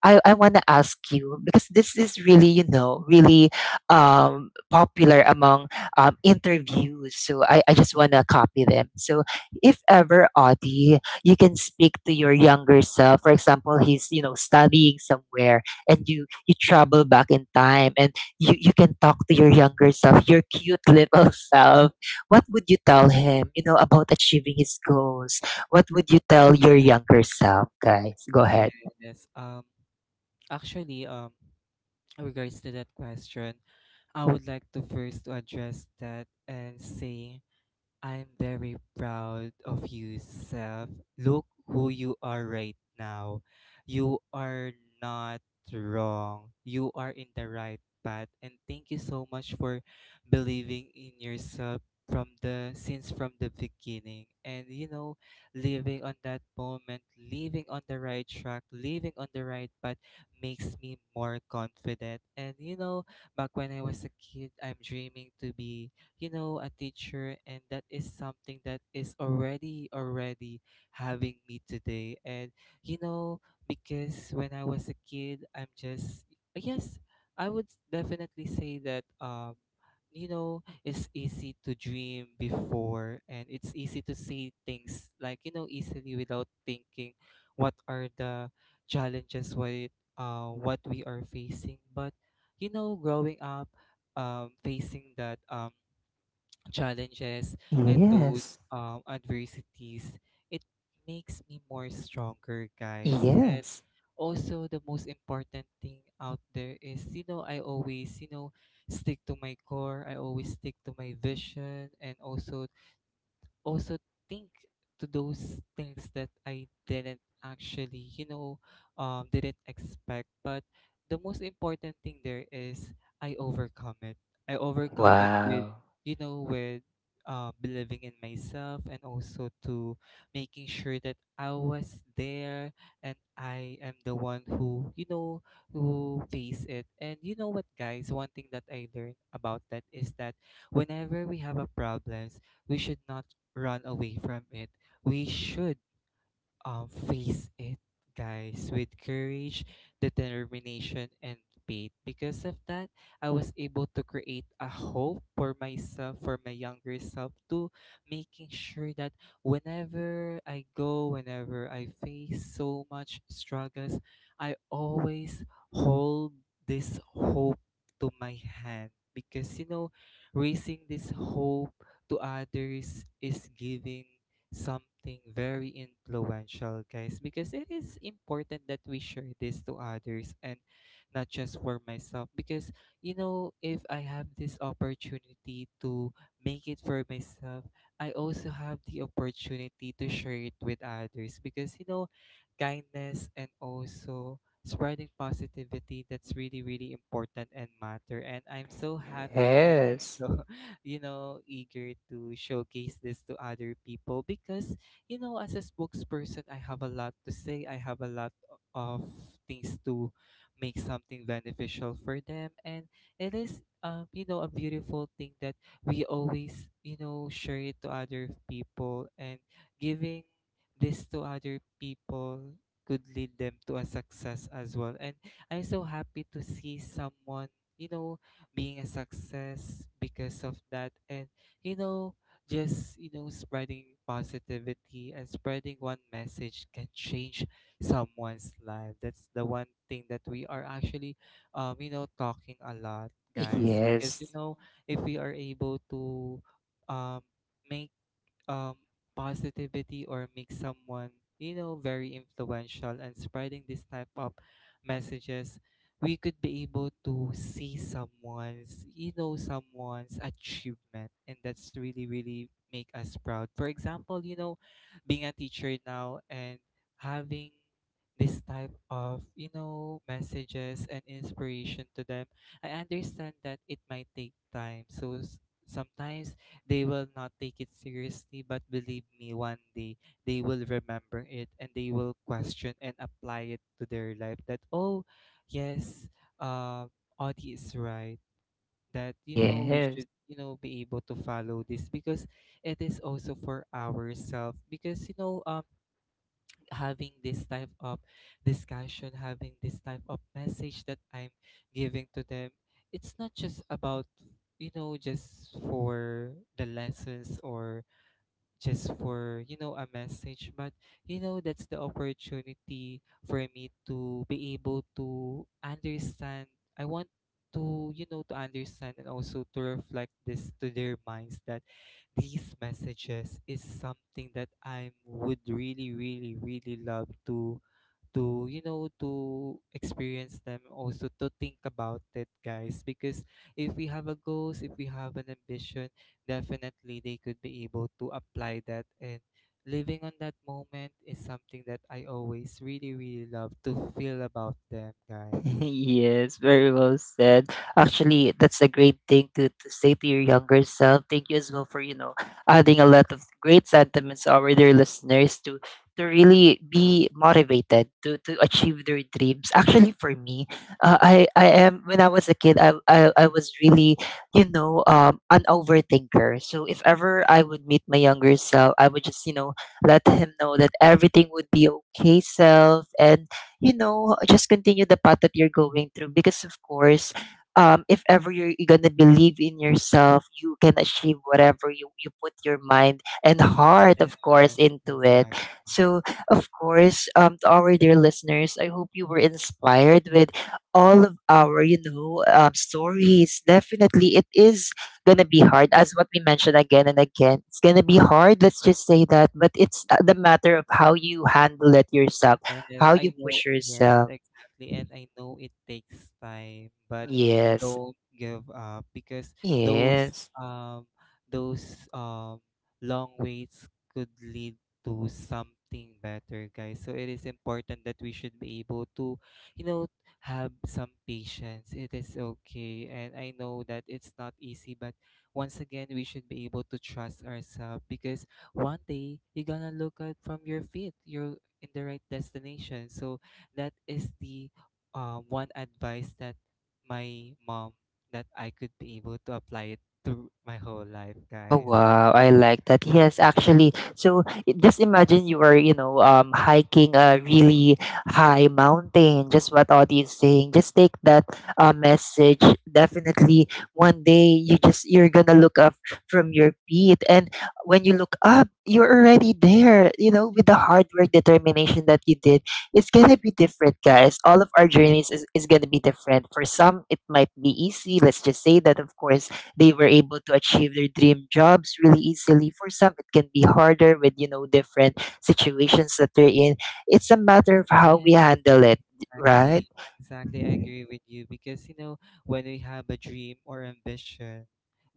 I, I want to ask you because this is really, you know, really um, popular among um, interviews. So I, I just want to copy them. So if ever, Audie, you can speak to your younger self. For example, he's, you know, studying somewhere, and you you travel back in time, and you you can talk to your younger self, your cute little self. What would you tell him? You know about achieving his goals. What would you tell your younger self, guys? Go ahead. Yes. Um actually, um regards to that question, I would like to first to address that and say, I'm very proud of you, Seth. Look who you are right now. You are not wrong. You are in the right path. And thank you so much for believing in yourself from the since from the beginning. And, you know, living on that moment, living on the right track, living on the right path makes me more confident. And, you know, back when I was a kid, I'm dreaming to be, you know, a teacher, and that is something that is already already having me today. And, you know, because when I was a kid, I'm just, yes, I would definitely say that, um you know, it's easy to dream before, and it's easy to see things, like, you know, easily without thinking what are the challenges what uh what we are facing. But, you know, growing up, um facing that, um challenges and Yes. those, um, adversities, it makes me more stronger, guys. And Yes. also, the most important thing out there is, you know, I always, you know, stick to my core. I always stick to my vision and also also think to those things that I didn't actually, you know, um, didn't expect. But the most important thing there is I overcome it. I overcome it with, Wow. you know, with uh, believing in myself and also to making sure that I was there and I am the one who, you know, who face it. And you know what, guys? One thing that I learned about that is that whenever we have a problems, we should not run away from it. We should um, face it, guys, with courage, determination, and faith. Because of that, I was able to create a hope for myself, for my younger self, to making sure that whenever I go, whenever I face so much struggles, I always hold this hope to my hand. Because, you know, raising this hope to others is giving something very influential, guys, because it is important that we share this to others and not just for myself. Because, you know, if I have this opportunity to make it for myself, I also have the opportunity to share it with others because, you know, kindness and also spreading positivity, that's really really important and matter, and I'm so happy and I'm Yes. so you know, eager to showcase this to other people because, you know, as a spokesperson, I have a lot to say. I have a lot of things to make something beneficial for them. And it is, um, you know, a beautiful thing that we always, you know, share it to other people and giving this to other people could lead them to a success as well. And I'm so happy to see someone, you know, being a success because of that. And, you know, just, you know, spreading positivity and spreading one message can change someone's life. That's the one thing that we are actually, um you know, talking a lot, guys, because, you Yes. know, if we are able to, um make, um, positivity or make someone, you know, very influential and spreading this type of messages, we could be able to see someone's, you know, someone's achievement, and that's really really make us proud. For example, you know, being a teacher now and having this type of, you know, messages and inspiration to them, I understand that it might take time. So s- sometimes they will not take it seriously, but believe me, one day they will remember it and they will question and apply it to their life, that, oh, yes, uh, Audie is right. That, you know, we Yes. should, you know, be able to follow this because it is also for ourselves. Because, you know, um, having this type of discussion, having this type of message that I'm giving to them, it's not just about, you know, just for the lessons or just for, you know, a message, but, you know, that's the opportunity for me to be able to understand. I want to you know to understand and also to reflect this to their minds that these messages is something that I would really really really love to to you know, to experience them, also to think about it, guys, because if we have a goals, if we have an ambition, definitely they could be able to apply that. And living on that moment is something that I always really really love to feel about them, guys. Yes, very well said. Actually, that's a great thing to, to say to your younger self. Thank you as well for, you know, adding a lot of great sentiments our dear listeners to to really be motivated to to achieve their dreams. Actually, for me, uh, I I am when I was a kid, I I, I was really, you know, um, an overthinker. So if ever I would meet my younger self, I would just, you know, let him know that everything would be okay, self, and you know, just continue the path that you're going through. Because of course, um, if ever you're, you're gonna believe in yourself, you can achieve whatever you, you put your mind and heart, Yes. of course, Yes, into it. exactly. So, of course, um, to our dear listeners, I hope you were inspired with all of our, you know, um, stories. Definitely, it is gonna be hard, as what we mentioned again and again. It's gonna be hard. Let's just say that, but it's uh, the matter of how you handle it yourself Yes, how I you know. push Yes, yourself. exactly. And I know it takes time, but Yes, don't give up, because those, yes. um those, um long waits could lead to something better, guys. So it is important that we should be able to, you know, have some patience. It is okay. And I know that it's not easy, but once again, we should be able to trust ourselves, because one day you're gonna look at from your feet. You're in the right destination. So that is the, um, one advice that my mom that I could be able to apply it to my whole life, Oh guys. wow, I like that. Yes, actually. So i- just imagine you are, you know, um, hiking a really high mountain, just what Audie is saying. Just take that uh, message. Definitely one day you just you're gonna look up from your feet and when you look up, you're already there, you know, with the hard work determination that you did. It's gonna be different, guys. All of our journeys is, is gonna be different. For some it might be easy, let's just say that of course they were able to achieve their dream jobs really easily. For some, it can be harder with you know different situations that they're in. It's a matter of how we handle it, right? Exactly, exactly. I agree with you because, you know, when we have a dream or ambition,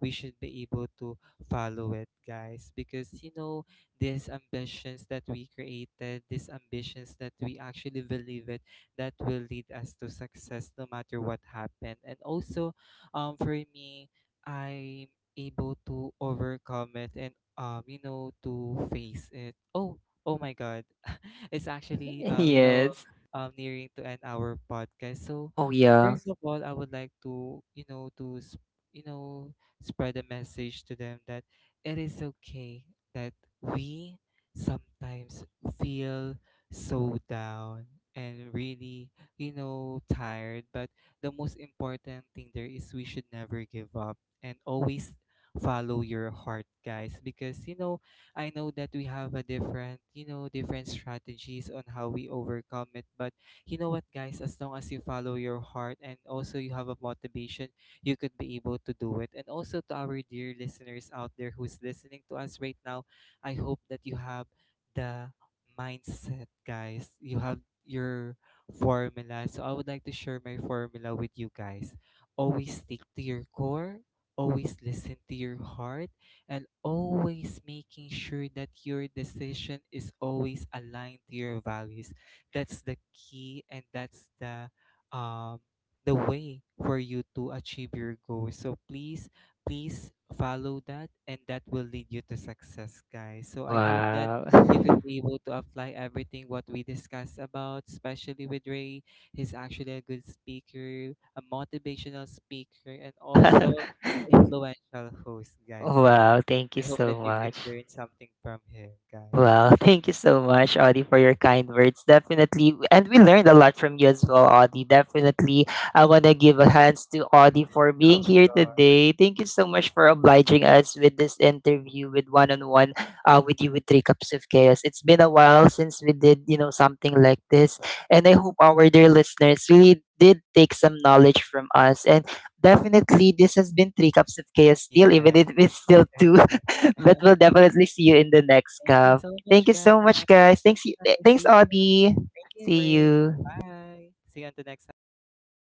we should be able to follow it, guys. Because, you know, these ambitions that we created, these ambitions that we actually believe it, that will lead us to success no matter what happened. And also, um, for me, I'm able to overcome it and, um, you know, to face it. Oh, oh my God, it's actually, um, you know, Yes. um, nearing to end our podcast. So, Oh yeah. first of all, I would like to, you know, to, sp- you know, spread a message to them that it is okay that we sometimes feel so down and really, you know, tired. But the most important thing there is we should never give up and always follow your heart, guys, because, you know, I know that we have a different, you know, different strategies on how we overcome it. But, you know what, guys, as long as you follow your heart and also you have a motivation, you could be able to do it. And also, to our dear listeners out there who's listening to us right now, I hope that you have the mindset, guys. You have your formula. So I would like to share my formula with you, guys. Always stick to your core, always listen to your heart, and always making sure that your decision is always aligned to your values. That's the key, and that's the, um the way for you to achieve your goals. So please, please follow that, and that will lead you to success, guys. So I hope that Wow. you could be able to apply everything what we discussed about, especially with Ray. He's actually a good speaker, a motivational speaker, and also wow. influential host, guys. So Wow. Thank you I hope that so you could much. learn something from him, guys. Well, thank you so much, Audie, for your kind words. Definitely. And we learned a lot from you as well, Audie. Definitely. I want to give a hands to Audie for Of being here course. today. Thank you so much for obliging us with this interview with one on one uh with you with Three Cups of Chaos. It's been a while since we did, you know, something like this. And I hope our dear listeners really did take some knowledge from us. And definitely this has been Three Cups of Chaos still, even Yeah. if it's still I two. do. But Thank we'll definitely see you in the next you cup. so Thank much, you guys. so much, guys. Thanks, y- Bye. eh, See thanks, you. Audie. Thank you, See Ray. you. Bye. See you on the next episode.